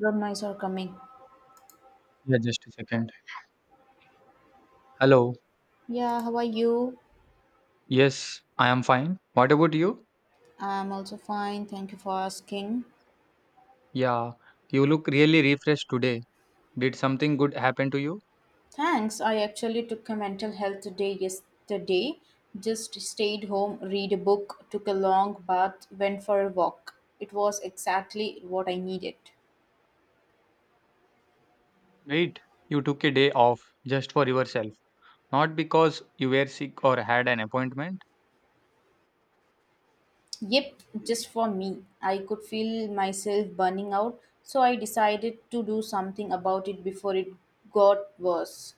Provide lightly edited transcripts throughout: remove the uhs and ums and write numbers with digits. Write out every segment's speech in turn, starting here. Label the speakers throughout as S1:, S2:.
S1: Road mice are coming.
S2: Yeah, just a second. Hello.
S1: Yeah, how are you?
S2: Yes, I am fine. What about you?
S1: I'm also fine. Thank you for asking.
S2: Yeah, you look really refreshed today. Did something good happen to you?
S1: Thanks. I actually took a mental health day yesterday. Just stayed home, read a book, took a long bath, went for a walk. It was exactly what I needed.
S2: Wait, you took a day off just for yourself, not because you were sick or had an appointment?
S1: Yep, just for me. I could feel myself burning out, so I decided to do something about it before it got worse.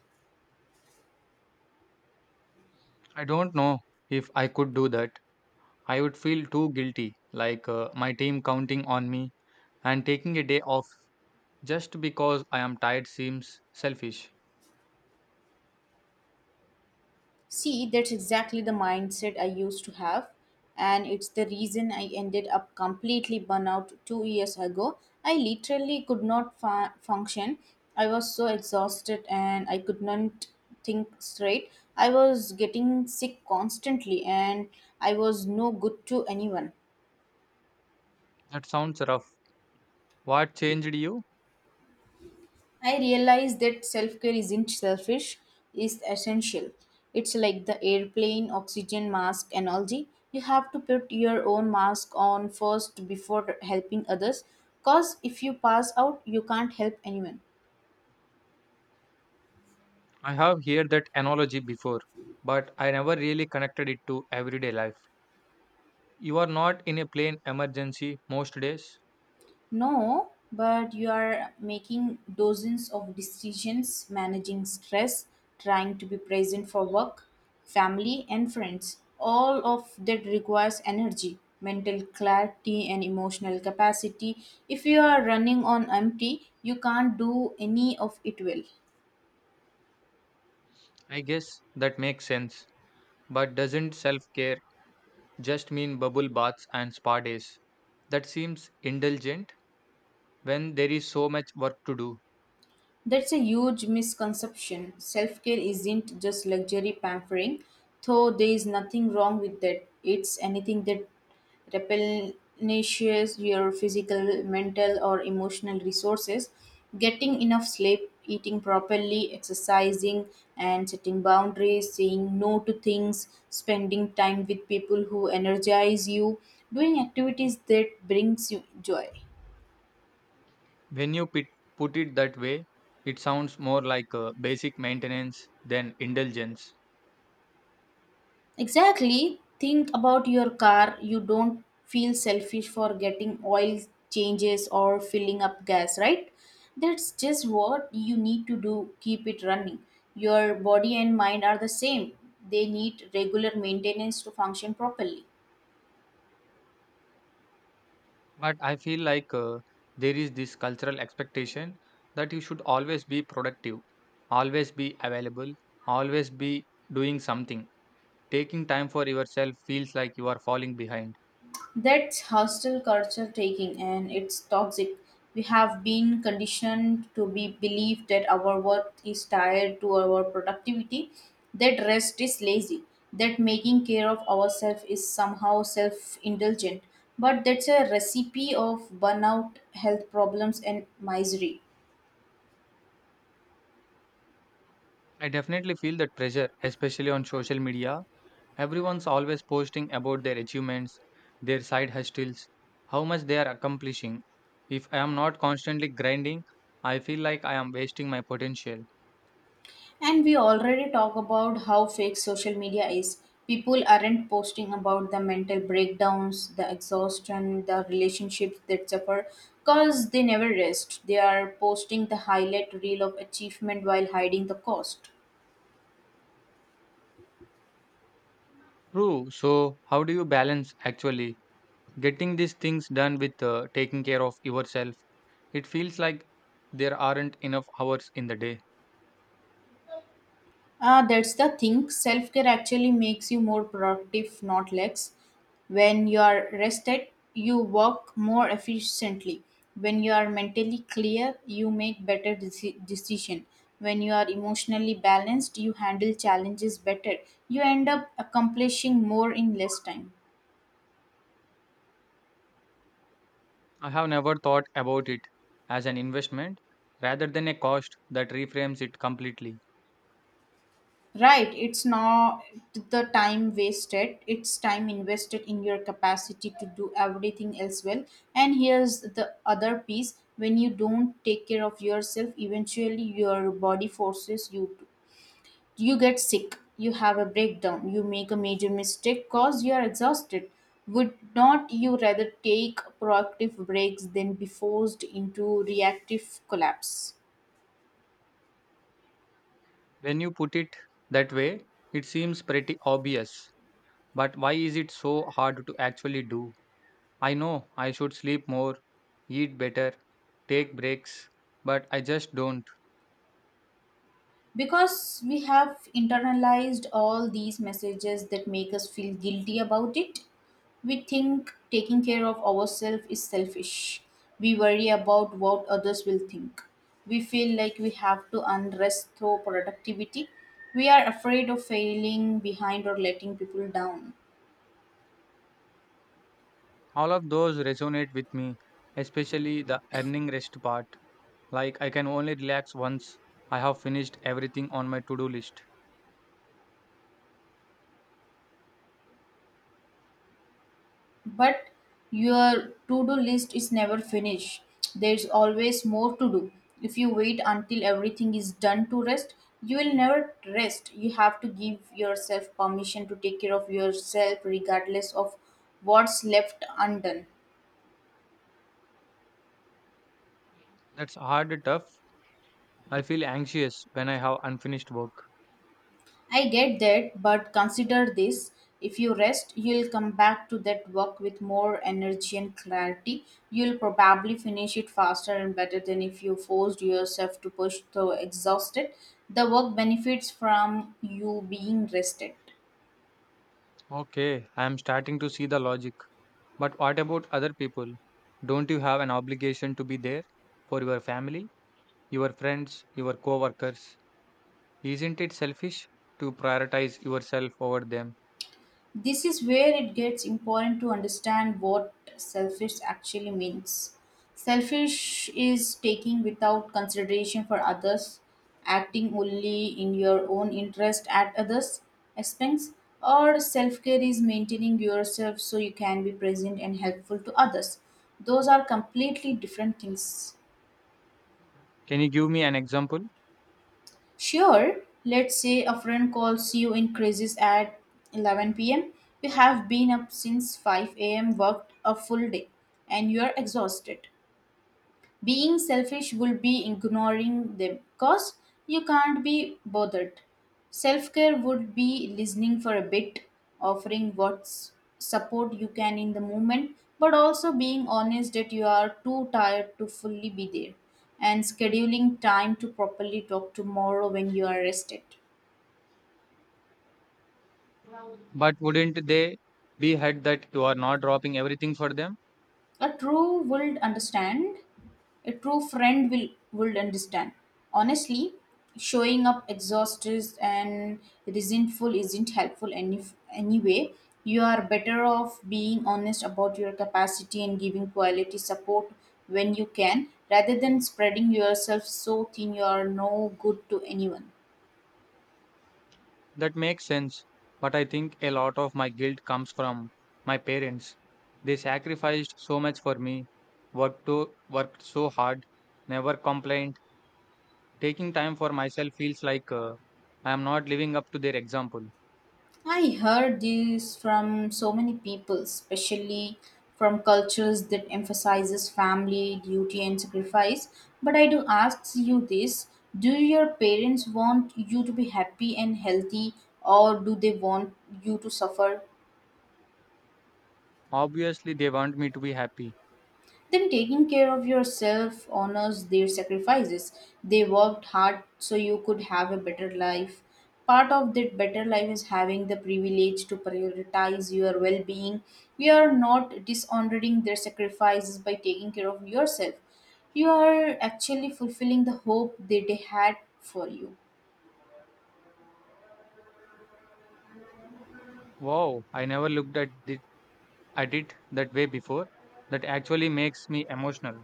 S2: I don't know if I could do that. I would feel too guilty, like my team counting on me, and taking a day off just because I am tired seems selfish.
S1: See, that's exactly the mindset I used to have, and it's the reason I ended up completely burnout 2 years ago. I literally could not function. I was so exhausted and I could not think straight. I was getting sick constantly, and I was no good to anyone.
S2: That sounds rough. What changed you?
S1: I realize that self care isn't selfish, it's essential. It's like the airplane, oxygen mask analogy. You have to put your own mask on first before helping others, because if you pass out, you can't help anyone.
S2: I have heard that analogy before, but I never really connected it to everyday life. You are not in a plane emergency most days.
S1: No, but you are making dozens of decisions, managing stress, trying to be present for work, family, and friends. All of that requires energy, mental clarity, and emotional capacity. If you are running on empty, you can't do any of it well.
S2: I guess that makes sense. But doesn't self care just mean bubble baths and spa days? That seems indulgent when there is so much work to do.
S1: That's a huge misconception. Self care isn't just luxury pampering, though there is nothing wrong with that. It's anything that replenishes your physical, mental, or emotional resources. Getting enough sleep, eating properly, exercising, and setting boundaries, saying no to things, spending time with people who energize you, doing activities that brings you joy.
S2: When you put it that way, it sounds more like basic maintenance than indulgence.
S1: Exactly. Think about your car. You don't feel selfish for getting oil changes or filling up gas, right? That's just what you need to do. Keep it running. Your body and mind are the same. They need regular maintenance to function properly.
S2: But I feel like there is this cultural expectation that you should always be productive, always be available, always be doing something. Taking time for yourself feels like you are falling behind.
S1: That's hostile culture taking, and it's toxic. We have been conditioned to be believe that our worth is tied to our productivity, that rest is lazy, that making care of ourselves is somehow self-indulgent. But that's a recipe of burnout, health problems, and misery.
S2: I definitely feel that pressure, especially on social media. Everyone's always posting about their achievements, their side hustles, how much they are accomplishing. If I am not constantly grinding, I feel like I am wasting my potential.
S1: And we already talk about how fake social media is. People aren't posting about the mental breakdowns, the exhaustion, the relationships that suffer because they never rest. They are posting the highlight reel of achievement while hiding the cost.
S2: True. So, how do you balance actually? Getting these things done with taking care of yourself, it feels like there aren't enough hours in the day.
S1: Ah, that's the thing. Self care actually makes you more productive, not less. When you are rested, you work more efficiently. When you are mentally clear, you make better decision. When you are emotionally balanced, you handle challenges better. You end up accomplishing more in less time.
S2: I have never thought about it as an investment rather than a cost that reframes it completely.
S1: Right, it's not the time wasted, it's time invested in your capacity to do everything else well. And here's the other piece when you don't take care of yourself, eventually your body forces you to. You get sick, you have a breakdown, you make a major mistake because you are exhausted. Would not you rather take proactive breaks than be forced into reactive collapse?
S2: When you put it that way, it seems pretty obvious. But why is it so hard to actually do? I know I should sleep more, eat better, take breaks, but I just don't.
S1: Because we have internalized all these messages that make us feel guilty about it. We think taking care of ourselves is selfish. We worry about what others will think. We feel like we have to unrest through productivity. We are afraid of failing behind or letting people down.
S2: All of those resonate with me, especially the earning rest part. Like I can only relax once I have finished everything on my to-do list.
S1: But your to-do list is never finished. There's always more to do. If you wait until everything is done to rest, you will never rest. You have to give yourself permission to take care of yourself regardless of what's left undone.
S2: That's hard tough. I feel anxious when I have unfinished work.
S1: I get that, but consider this. If you rest, you'll come back to that work with more energy and clarity. You'll probably finish it faster and better than if you forced yourself to push through exhausted. The work benefits from you being rested.
S2: Okay, I am starting to see the logic. But what about other people? Don't you have an obligation to be there for your family, your friends, your coworkers? Isn't it selfish to prioritize yourself over them?
S1: This is where it gets important to understand what selfish actually means. Selfish is taking without consideration for others, acting only in your own interest at others' expense, or self care is maintaining yourself so you can be present and helpful to others. Those are completely different things.
S2: Can you give me an example?
S1: Sure, let's say a friend calls you in crisis at 11 pm. You have been up since 5 a.m., worked a full day, and you are exhausted. Being selfish will be ignoring them because you can't be bothered. Self care would be listening for a bit, offering what support you can in the moment, but also being honest that you are too tired to fully be there and scheduling time to properly talk tomorrow when you are rested.
S2: But wouldn't they be hurt that you are not dropping everything for them?
S1: A true would understand. A true friend will understand. Honestly, showing up exhausted and resentful isn't helpful anyway. You are better off being honest about your capacity and giving quality support when you can, rather than spreading yourself so thin you are no good to anyone.
S2: That makes sense. But I think a lot of my guilt comes from my parents. They sacrificed so much for me, worked so hard, never complained. Taking time for myself feels like I am not living up to their example.
S1: I heard this from so many people, especially from cultures that emphasizes family, duty and sacrifice. But I do ask you this, do your parents want you to be happy and healthy or do they want you to suffer?
S2: Obviously, they want me to be happy.
S1: Then taking care of yourself honors their sacrifices. They worked hard so you could have a better life. Part of that better life is having the privilege to prioritize your well being. We are not dishonoring their sacrifices by taking care of yourself. You are actually fulfilling the hope that they had for you.
S2: Wow, I never looked at it that way before. That actually makes me emotional.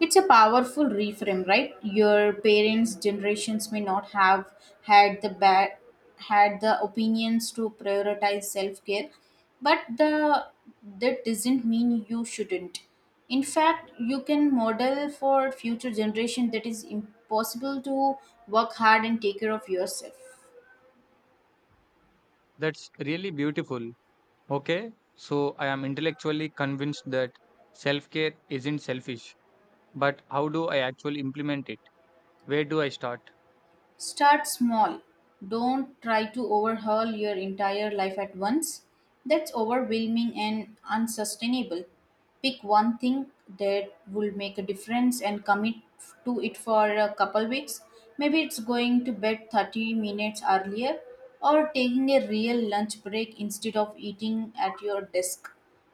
S1: It's a powerful reframe, right? Your parents' generations may not have had the bad, had the opinions to prioritize self-care, but the that doesn't mean you shouldn't. In fact, you can model for future generation that is impossible to work hard and take care of yourself.
S2: That's really beautiful. Okay, so I am intellectually convinced that self care isn't selfish. But how do I actually implement it? Where do I start?
S1: Start small. Don't try to overhaul your entire life at once. That's overwhelming and unsustainable. Pick one thing that will make a difference and commit to it for a couple weeks. Maybe it's going to bed 30 minutes earlier or taking a real lunch break instead of eating at your desk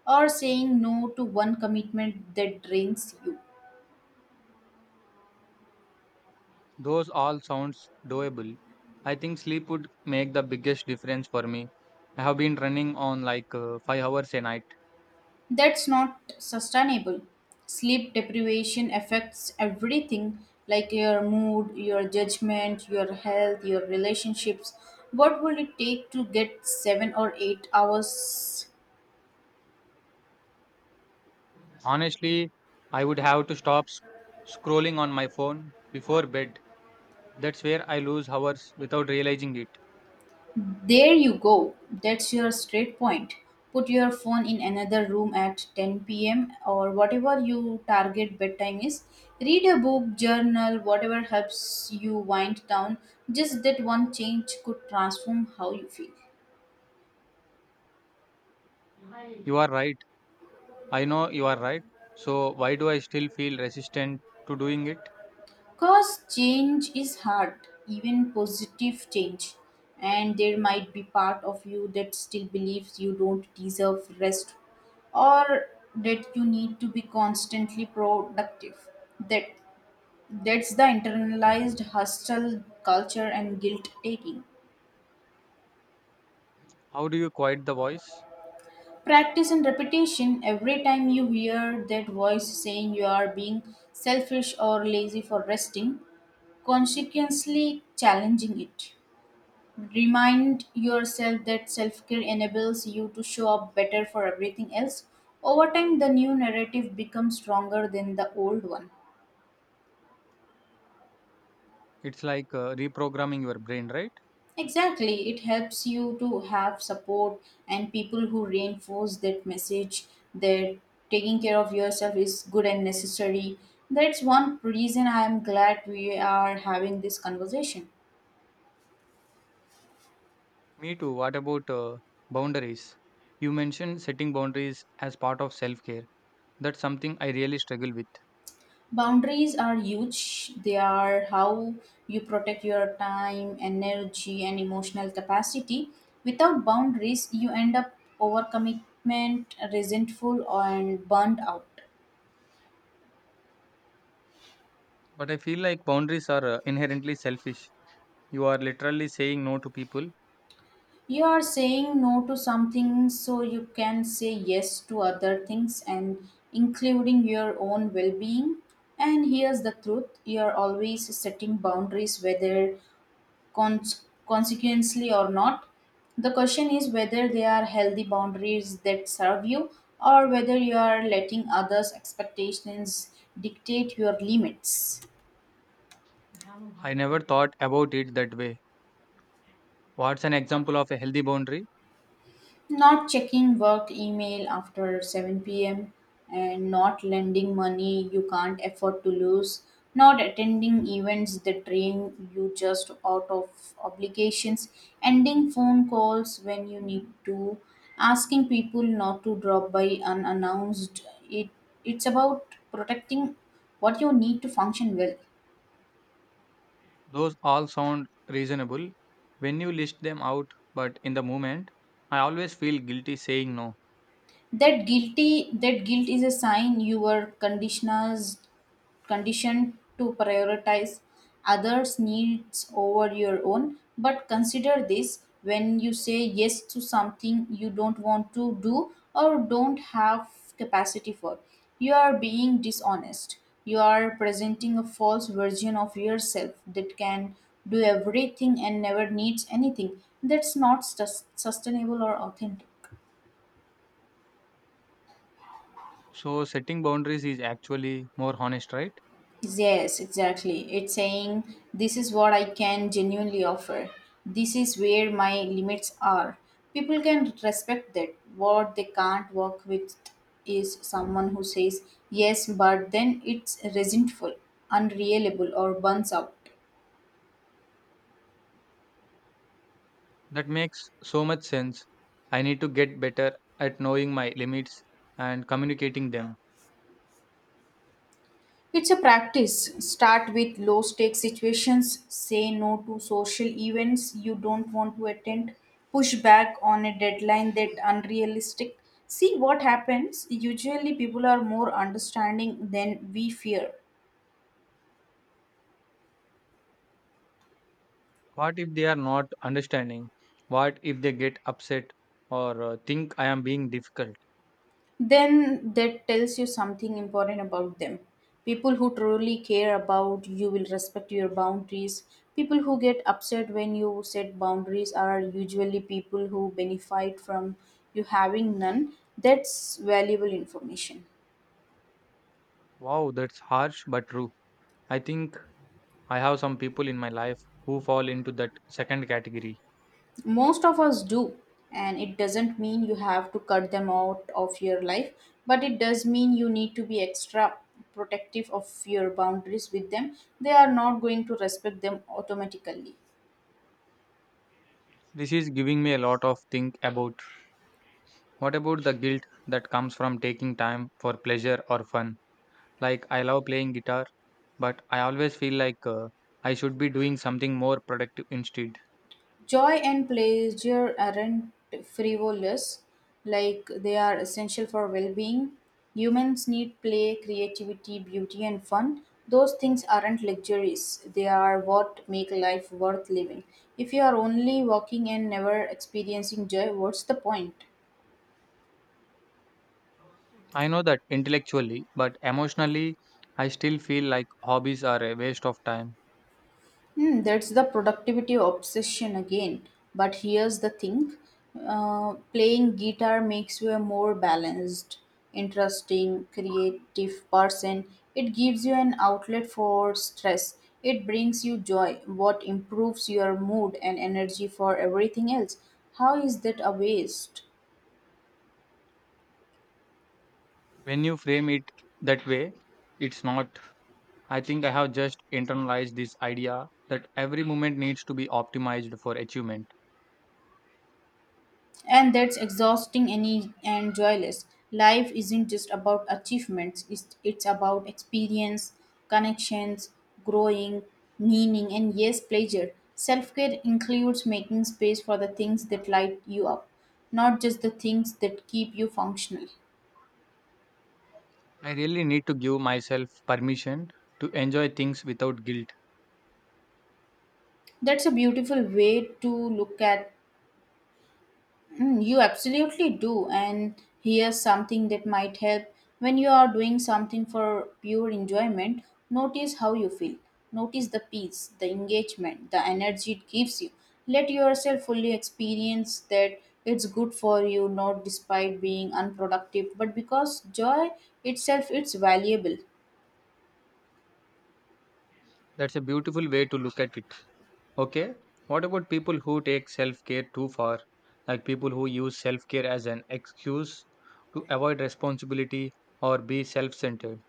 S1: or saying no to one commitment that drains you.
S2: Those all sounds doable. I think sleep would make the biggest difference for me. I have been running on like 5 hours a night.
S1: That's not sustainable. Sleep deprivation affects everything like your mood, your judgment, your health, your relationships. What will it take to get 7 or 8 hours?
S2: Honestly, I would have to stop scrolling on my phone before bed. That's where I lose hours without realizing it.
S1: There you go. That's your straight point. Put your phone in another room at 10 p.m. or whatever your target bedtime is. Read a book, journal, whatever helps you wind down. Just that one change could transform how you feel.
S2: You are right. I know you are right. So why do I still feel resistant to doing it?
S1: Because change is hard, even positive change. And there might be part of you that still believes you don't deserve rest or that you need to be constantly productive. That that's the internalized hustle culture and guilt taking.
S2: How do you quiet the voice?
S1: Practice and repetition every time you hear that voice saying you are being selfish or lazy for resting, consequently challenging it. Remind yourself that self care enables you to show up better for everything else. Over time, the new narrative becomes stronger than the old one.
S2: It's like reprogramming your brain, right?
S1: Exactly, it helps you to have support and people who reinforce that message that taking care of yourself is good and necessary. That's one reason I am glad we are having this conversation.
S2: Me too. What about boundaries? You mentioned setting boundaries as part of self care. That's something I really struggle with.
S1: Boundaries are huge. They are how you protect your time, energy, and emotional capacity. Without boundaries, you end up overcommitment, resentful, and burnt out.
S2: But I feel like boundaries are inherently selfish. You are literally saying no to people.
S1: You are saying no to something so you can say yes to other things and including your own well being. And here's the truth you are always setting boundaries, whether consequently or not. The question is whether they are healthy boundaries that serve you or whether you are letting others' expectations dictate your limits.
S2: I never thought about it that way. What's an example of a healthy boundary?
S1: Not checking work email after 7 p.m. and not lending money you can't afford to lose, not attending events that drain you just out of obligations, ending phone calls when you need to, asking people not to drop by unannounced. It's about protecting what you need to function well.
S2: Those all sound reasonable when you list them out, but in the moment, I always feel guilty saying no.
S1: That guilty that guilt is a sign your conditioners conditioned to prioritize others' needs over your own. But consider this when you say yes to something you don't want to do or don't have capacity for, you are being dishonest. You are presenting a false version of yourself that can do everything and never needs anything. That's not sustainable or authentic.
S2: So, setting boundaries is actually more honest, right?
S1: Yes, exactly. It's saying, This is what I can genuinely offer. This is where my limits are. People can respect that. What they can't work with is someone who says yes, but then it's resentful, unreliable, or burns out.
S2: That makes so much sense. I need to get better at knowing my limits and communicating them.
S1: It's a practice. Start with low stake situations, say no to social events you don't want to attend, push back on a deadline that unrealistic. See what happens. Usually people are more understanding than we fear.
S2: What if they are not understanding? What if they get upset or think I am being difficult?
S1: Then that tells you something important about them. People who truly care about you will respect your boundaries. People who get upset when you set boundaries are usually people who benefit from you having none. That's valuable information.
S2: Wow, that's harsh but true. I think I have some people in my life who fall into that second category.
S1: Most of us do, and it doesn't mean you have to cut them out of your life, but it does mean you need to be extra protective of your boundaries with them. They are not going to respect them automatically.
S2: This is giving me a lot of think about. What about the guilt that comes from taking time for pleasure or fun? Like I love playing guitar but I always feel like I should be doing something more productive instead.
S1: Joy and pleasure aren't frivolous, like they are essential for well being. Humans need play, creativity, beauty, and fun. Those things aren't luxuries, they are what make life worth living. If you are only working and never experiencing joy, what's the point?
S2: I know that intellectually, but emotionally, I still feel like hobbies are a waste of time.
S1: Hmm, that's the productivity obsession again. But here's the thing playing guitar makes you a more balanced, interesting, creative person. It gives you an outlet for stress, it brings you joy, what improves your mood and energy for everything else. How is that a waste?
S2: When you frame it that way, it's not. I think I have just internalized this idea that every moment needs to be optimized for achievement.
S1: And that's exhausting and joyless. Life isn't just about achievements, it's about experience, connections, growing, meaning, and yes, pleasure. Self care includes making space for the things that light you up, not just the things that keep you functional.
S2: I really need to give myself permission to enjoy things without guilt.
S1: That's a beautiful way to look at. Mm, you absolutely do. And here's something that might help. When you are doing something for pure enjoyment, notice how you feel. Notice the peace, the engagement, the energy it gives you. Let yourself fully experience that it's good for you, not despite being unproductive, but because joy itself is valuable.
S2: That's a beautiful way to look at it. Okay. What about people who take self care too far? Like people who use self care as an excuse to avoid responsibility or be self centered.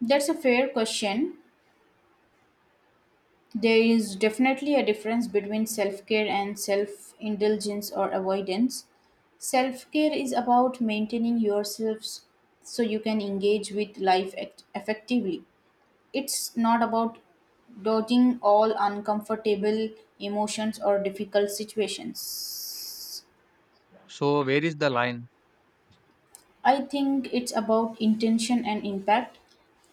S1: That's a fair question. There is definitely a difference between self care and self indulgence or avoidance. Self care is about maintaining yourselves so you can engage with life effectively. It's not about dodging all uncomfortable emotions or difficult situations.
S2: So, where is the line?
S1: I think it's about intention and impact.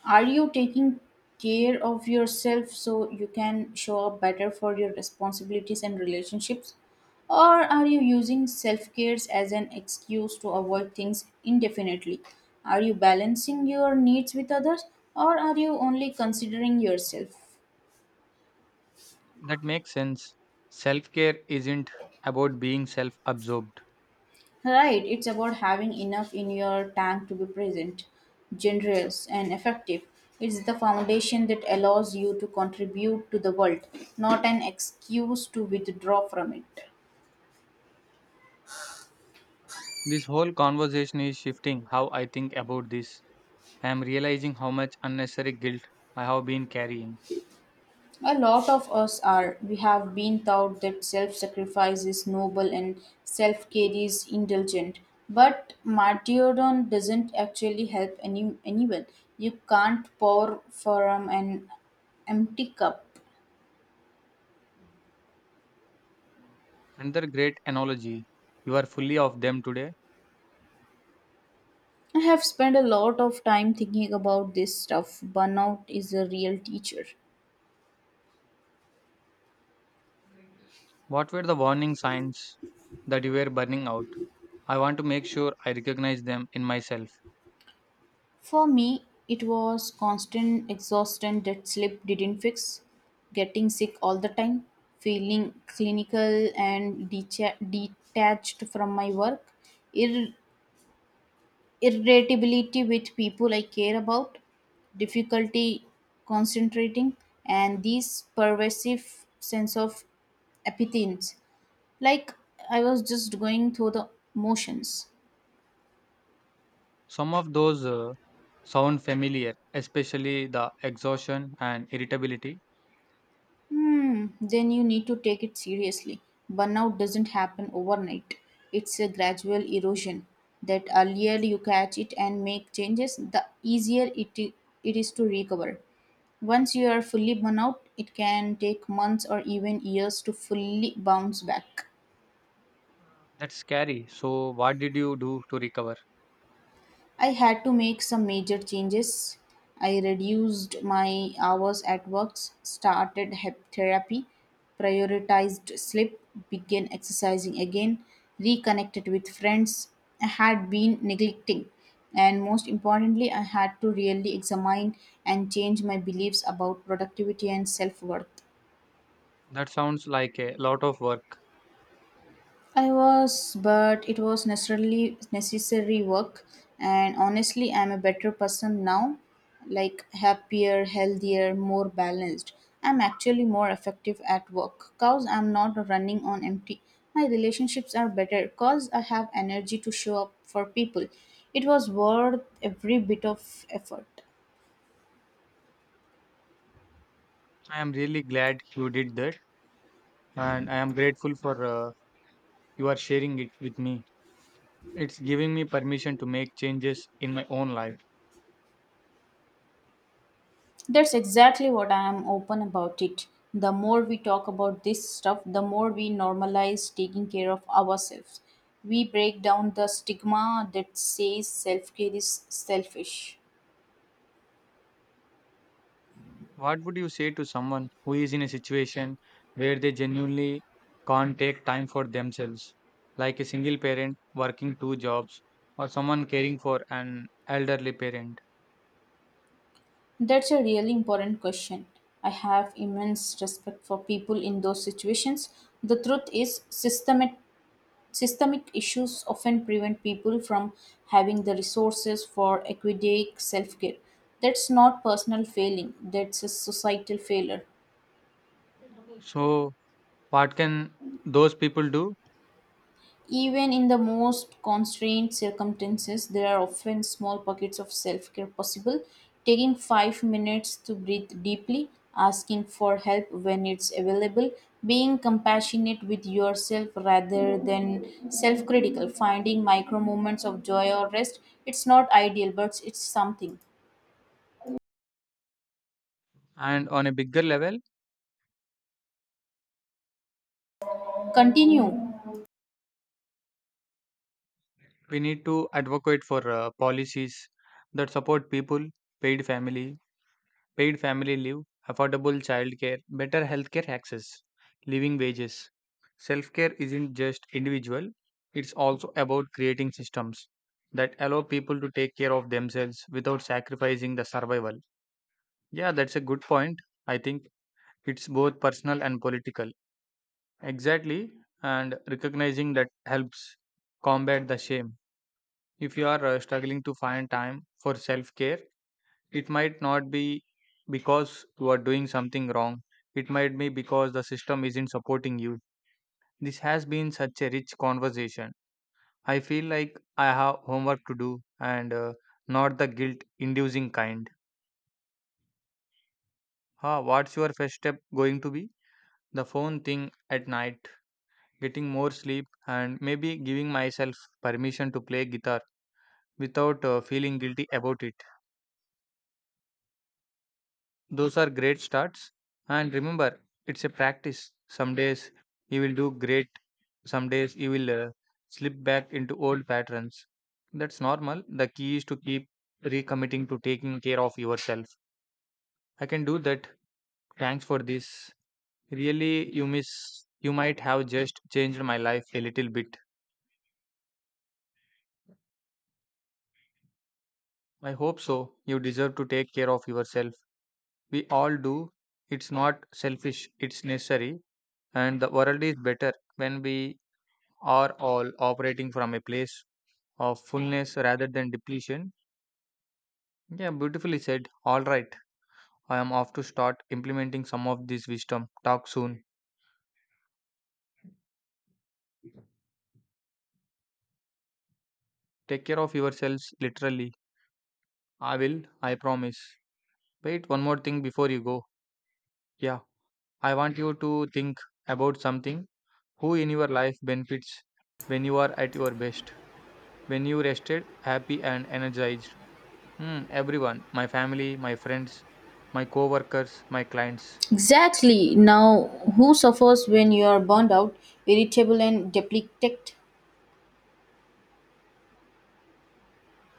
S1: Are you taking care of yourself so you can show up better for your responsibilities and relationships? Or are you using self care as an excuse to avoid things indefinitely? Are you balancing your needs with others or are you only considering yourself?
S2: That makes sense. Self care isn't about being self absorbed.
S1: Right, it's about having enough in your tank to be present, generous, and effective. It's the foundation that allows you to contribute to the world, not an excuse to withdraw from it.
S2: This whole conversation is shifting how I think about this. I am realizing how much unnecessary guilt I have been carrying.
S1: A lot of us are. We have been taught that self sacrifice is noble and self care is indulgent. But martyrdom doesn't actually help anyone. You can't pour from an empty cup.
S2: Another great analogy. You are fully of them today.
S1: I have spent a lot of time thinking about this stuff. Burnout is a real teacher.
S2: What were the warning signs that you were burning out? I want to make sure I recognize them in myself.
S1: For me, it was constant exhaustion that sleep didn't fix, getting sick all the time, feeling clinical and detached from my work, ir- irritability with people I care about, difficulty concentrating, and this pervasive sense of apathy, like I was just going through the motions.
S2: Some of those sound familiar, especially the exhaustion and irritability.
S1: Hmm, then you need to take it seriously. Burnout doesn't happen overnight, it's a gradual erosion. That earlier you catch it and make changes, the easier it is to recover. Once you are fully burnout, it can take months or even years to fully bounce back.
S2: That's scary. So, what did you do to recover?
S1: I had to make some major changes. I reduced my hours at work, started therapy, prioritized sleep, began exercising again, reconnected with friends I had been neglecting. And most importantly, I had to really examine and change my beliefs about productivity and self worth.
S2: That sounds like a lot of work.
S1: I was, but it was necessarily necessary work, and honestly, I'm a better person now, like happier, healthier, more balanced. I'm actually more effective at work cause I'm not running on empty. My relationships are better cause I have energy to show up for people. It was worth every bit of effort.
S2: I am really glad you did that, and I am grateful for you are sharing it with me. It's giving me permission to make changes in my own life.
S1: That's exactly what I am open about it. The more we talk about this stuff, the more we normalize taking care of ourselves. We break down the stigma that says self care is selfish.
S2: What would you say to someone who is in a situation where they genuinely can't take time for themselves, like a single parent working two jobs or someone caring for an elderly parent?
S1: That's a really important question. I have immense respect for people in those situations. The truth is, systemic issues often prevent people from having the resources for equidae self care. That's not personal failing, that's a societal failure.
S2: So, what can those people do?
S1: Even in the most constrained circumstances, there are often small pockets of self care possible. Taking 5 minutes to breathe deeply, asking for help when it's available, being compassionate with yourself rather than self critical, finding micro moments of joy or rest. It's not ideal, but it's something.
S2: And on a bigger level,
S1: Continue.
S2: we need to advocate for policies that support people, paid families. Paid family leave, affordable childcare, better healthcare access, living wages. Self care isn't just individual, it's also about creating systems that allow people to take care of themselves without sacrificing the survival. Yeah, that's a good point. I think it's both personal and political. Exactly, and recognizing that helps combat the shame. If you are struggling to find time for self care, it might not be because you are doing something wrong. It might be because the system isn't supporting you. This has been such a rich conversation. I feel like I have homework to do and not the guilt inducing kind. Huh, what's your first step going to be? The phone thing at night, getting more sleep, and maybe giving myself permission to play guitar without feeling guilty about it. Those are great starts. And remember, it's a practice. Some days you will do great, some days you will slip back into old patterns. That's normal. The key is to keep recommitting to taking care of yourself. I can do that. Thanks for this. Really, you might have just changed my life a little bit. I hope so. You deserve to take care of yourself. We all do. It's not selfish, it's necessary. And the world is better when we are all operating from a place of fullness rather than depletion. Yeah, beautifully said. All right, I am off to start implementing some of this wisdom. Talk soon. Take care of yourselves, literally. I will, I promise. Wait, one more thing before you go. Yeah, I want you to think about something. Who in your life benefits when you are at your best? When you rested, happy, and energized? Hmm, everyone. My family, my friends, my co workers, my clients.
S1: Exactly. Now, who suffers when you are burned out, irritable, and depleted?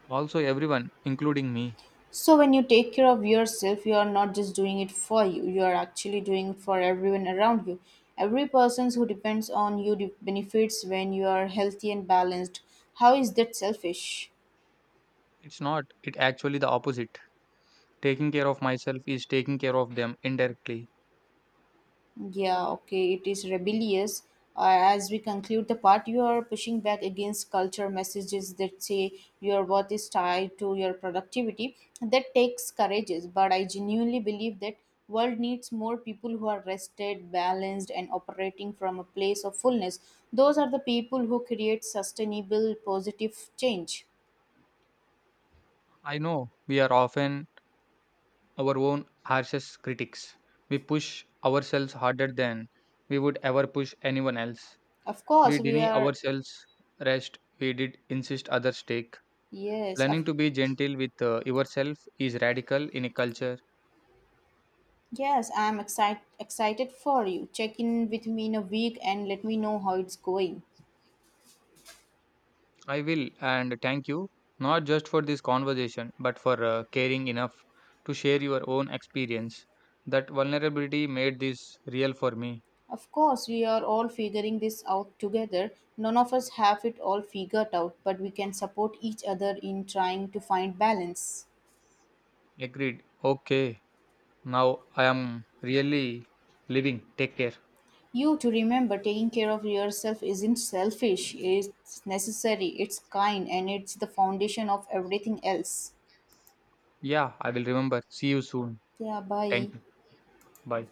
S2: Also, everyone, including me.
S1: So when you take care of yourself, you are not just doing it for you, you are actually doing it for everyone around you. Every person who depends on you benefits when you are healthy and balanced. How is that selfish?
S2: It's not, it actually the opposite. Taking care of myself is taking care of them indirectly.
S1: Yeah, okay, it is rebellious. As we conclude the part, you are pushing back against culture messages that say your worth is tied to your productivity. That takes courage, but I genuinely believe that world needs more people who are rested, balanced, and operating from a place of fullness. Those are the people who create sustainable, positive change.
S2: I know we are often our own harshest critics. We push ourselves harder than we would ever push anyone else.
S1: Of course,
S2: We
S1: we
S2: deny
S1: are.
S2: ourselves rest. We did insist others take.
S1: Yes, of.
S2: Learning to be gentle with yourself is radical in a culture
S1: Yes, I'm excited for you. Check in with me in a week and let me know how it's going.
S2: I will, and thank you, not just for this conversation, but for caring enough to share your own experience. That vulnerability made this real for me.
S1: Of course, we are all figuring this out together. None of us have it all figured out, but we can support each other in trying to find balance.
S2: Agreed. Okay, now I am really living. Take care.
S1: You to remember taking care of yourself isn't selfish, it's necessary, it's kind, and it's the foundation of everything else.
S2: Yeah, I will remember. See you soon.
S1: Yeah, bye.
S2: Thank you. Bye.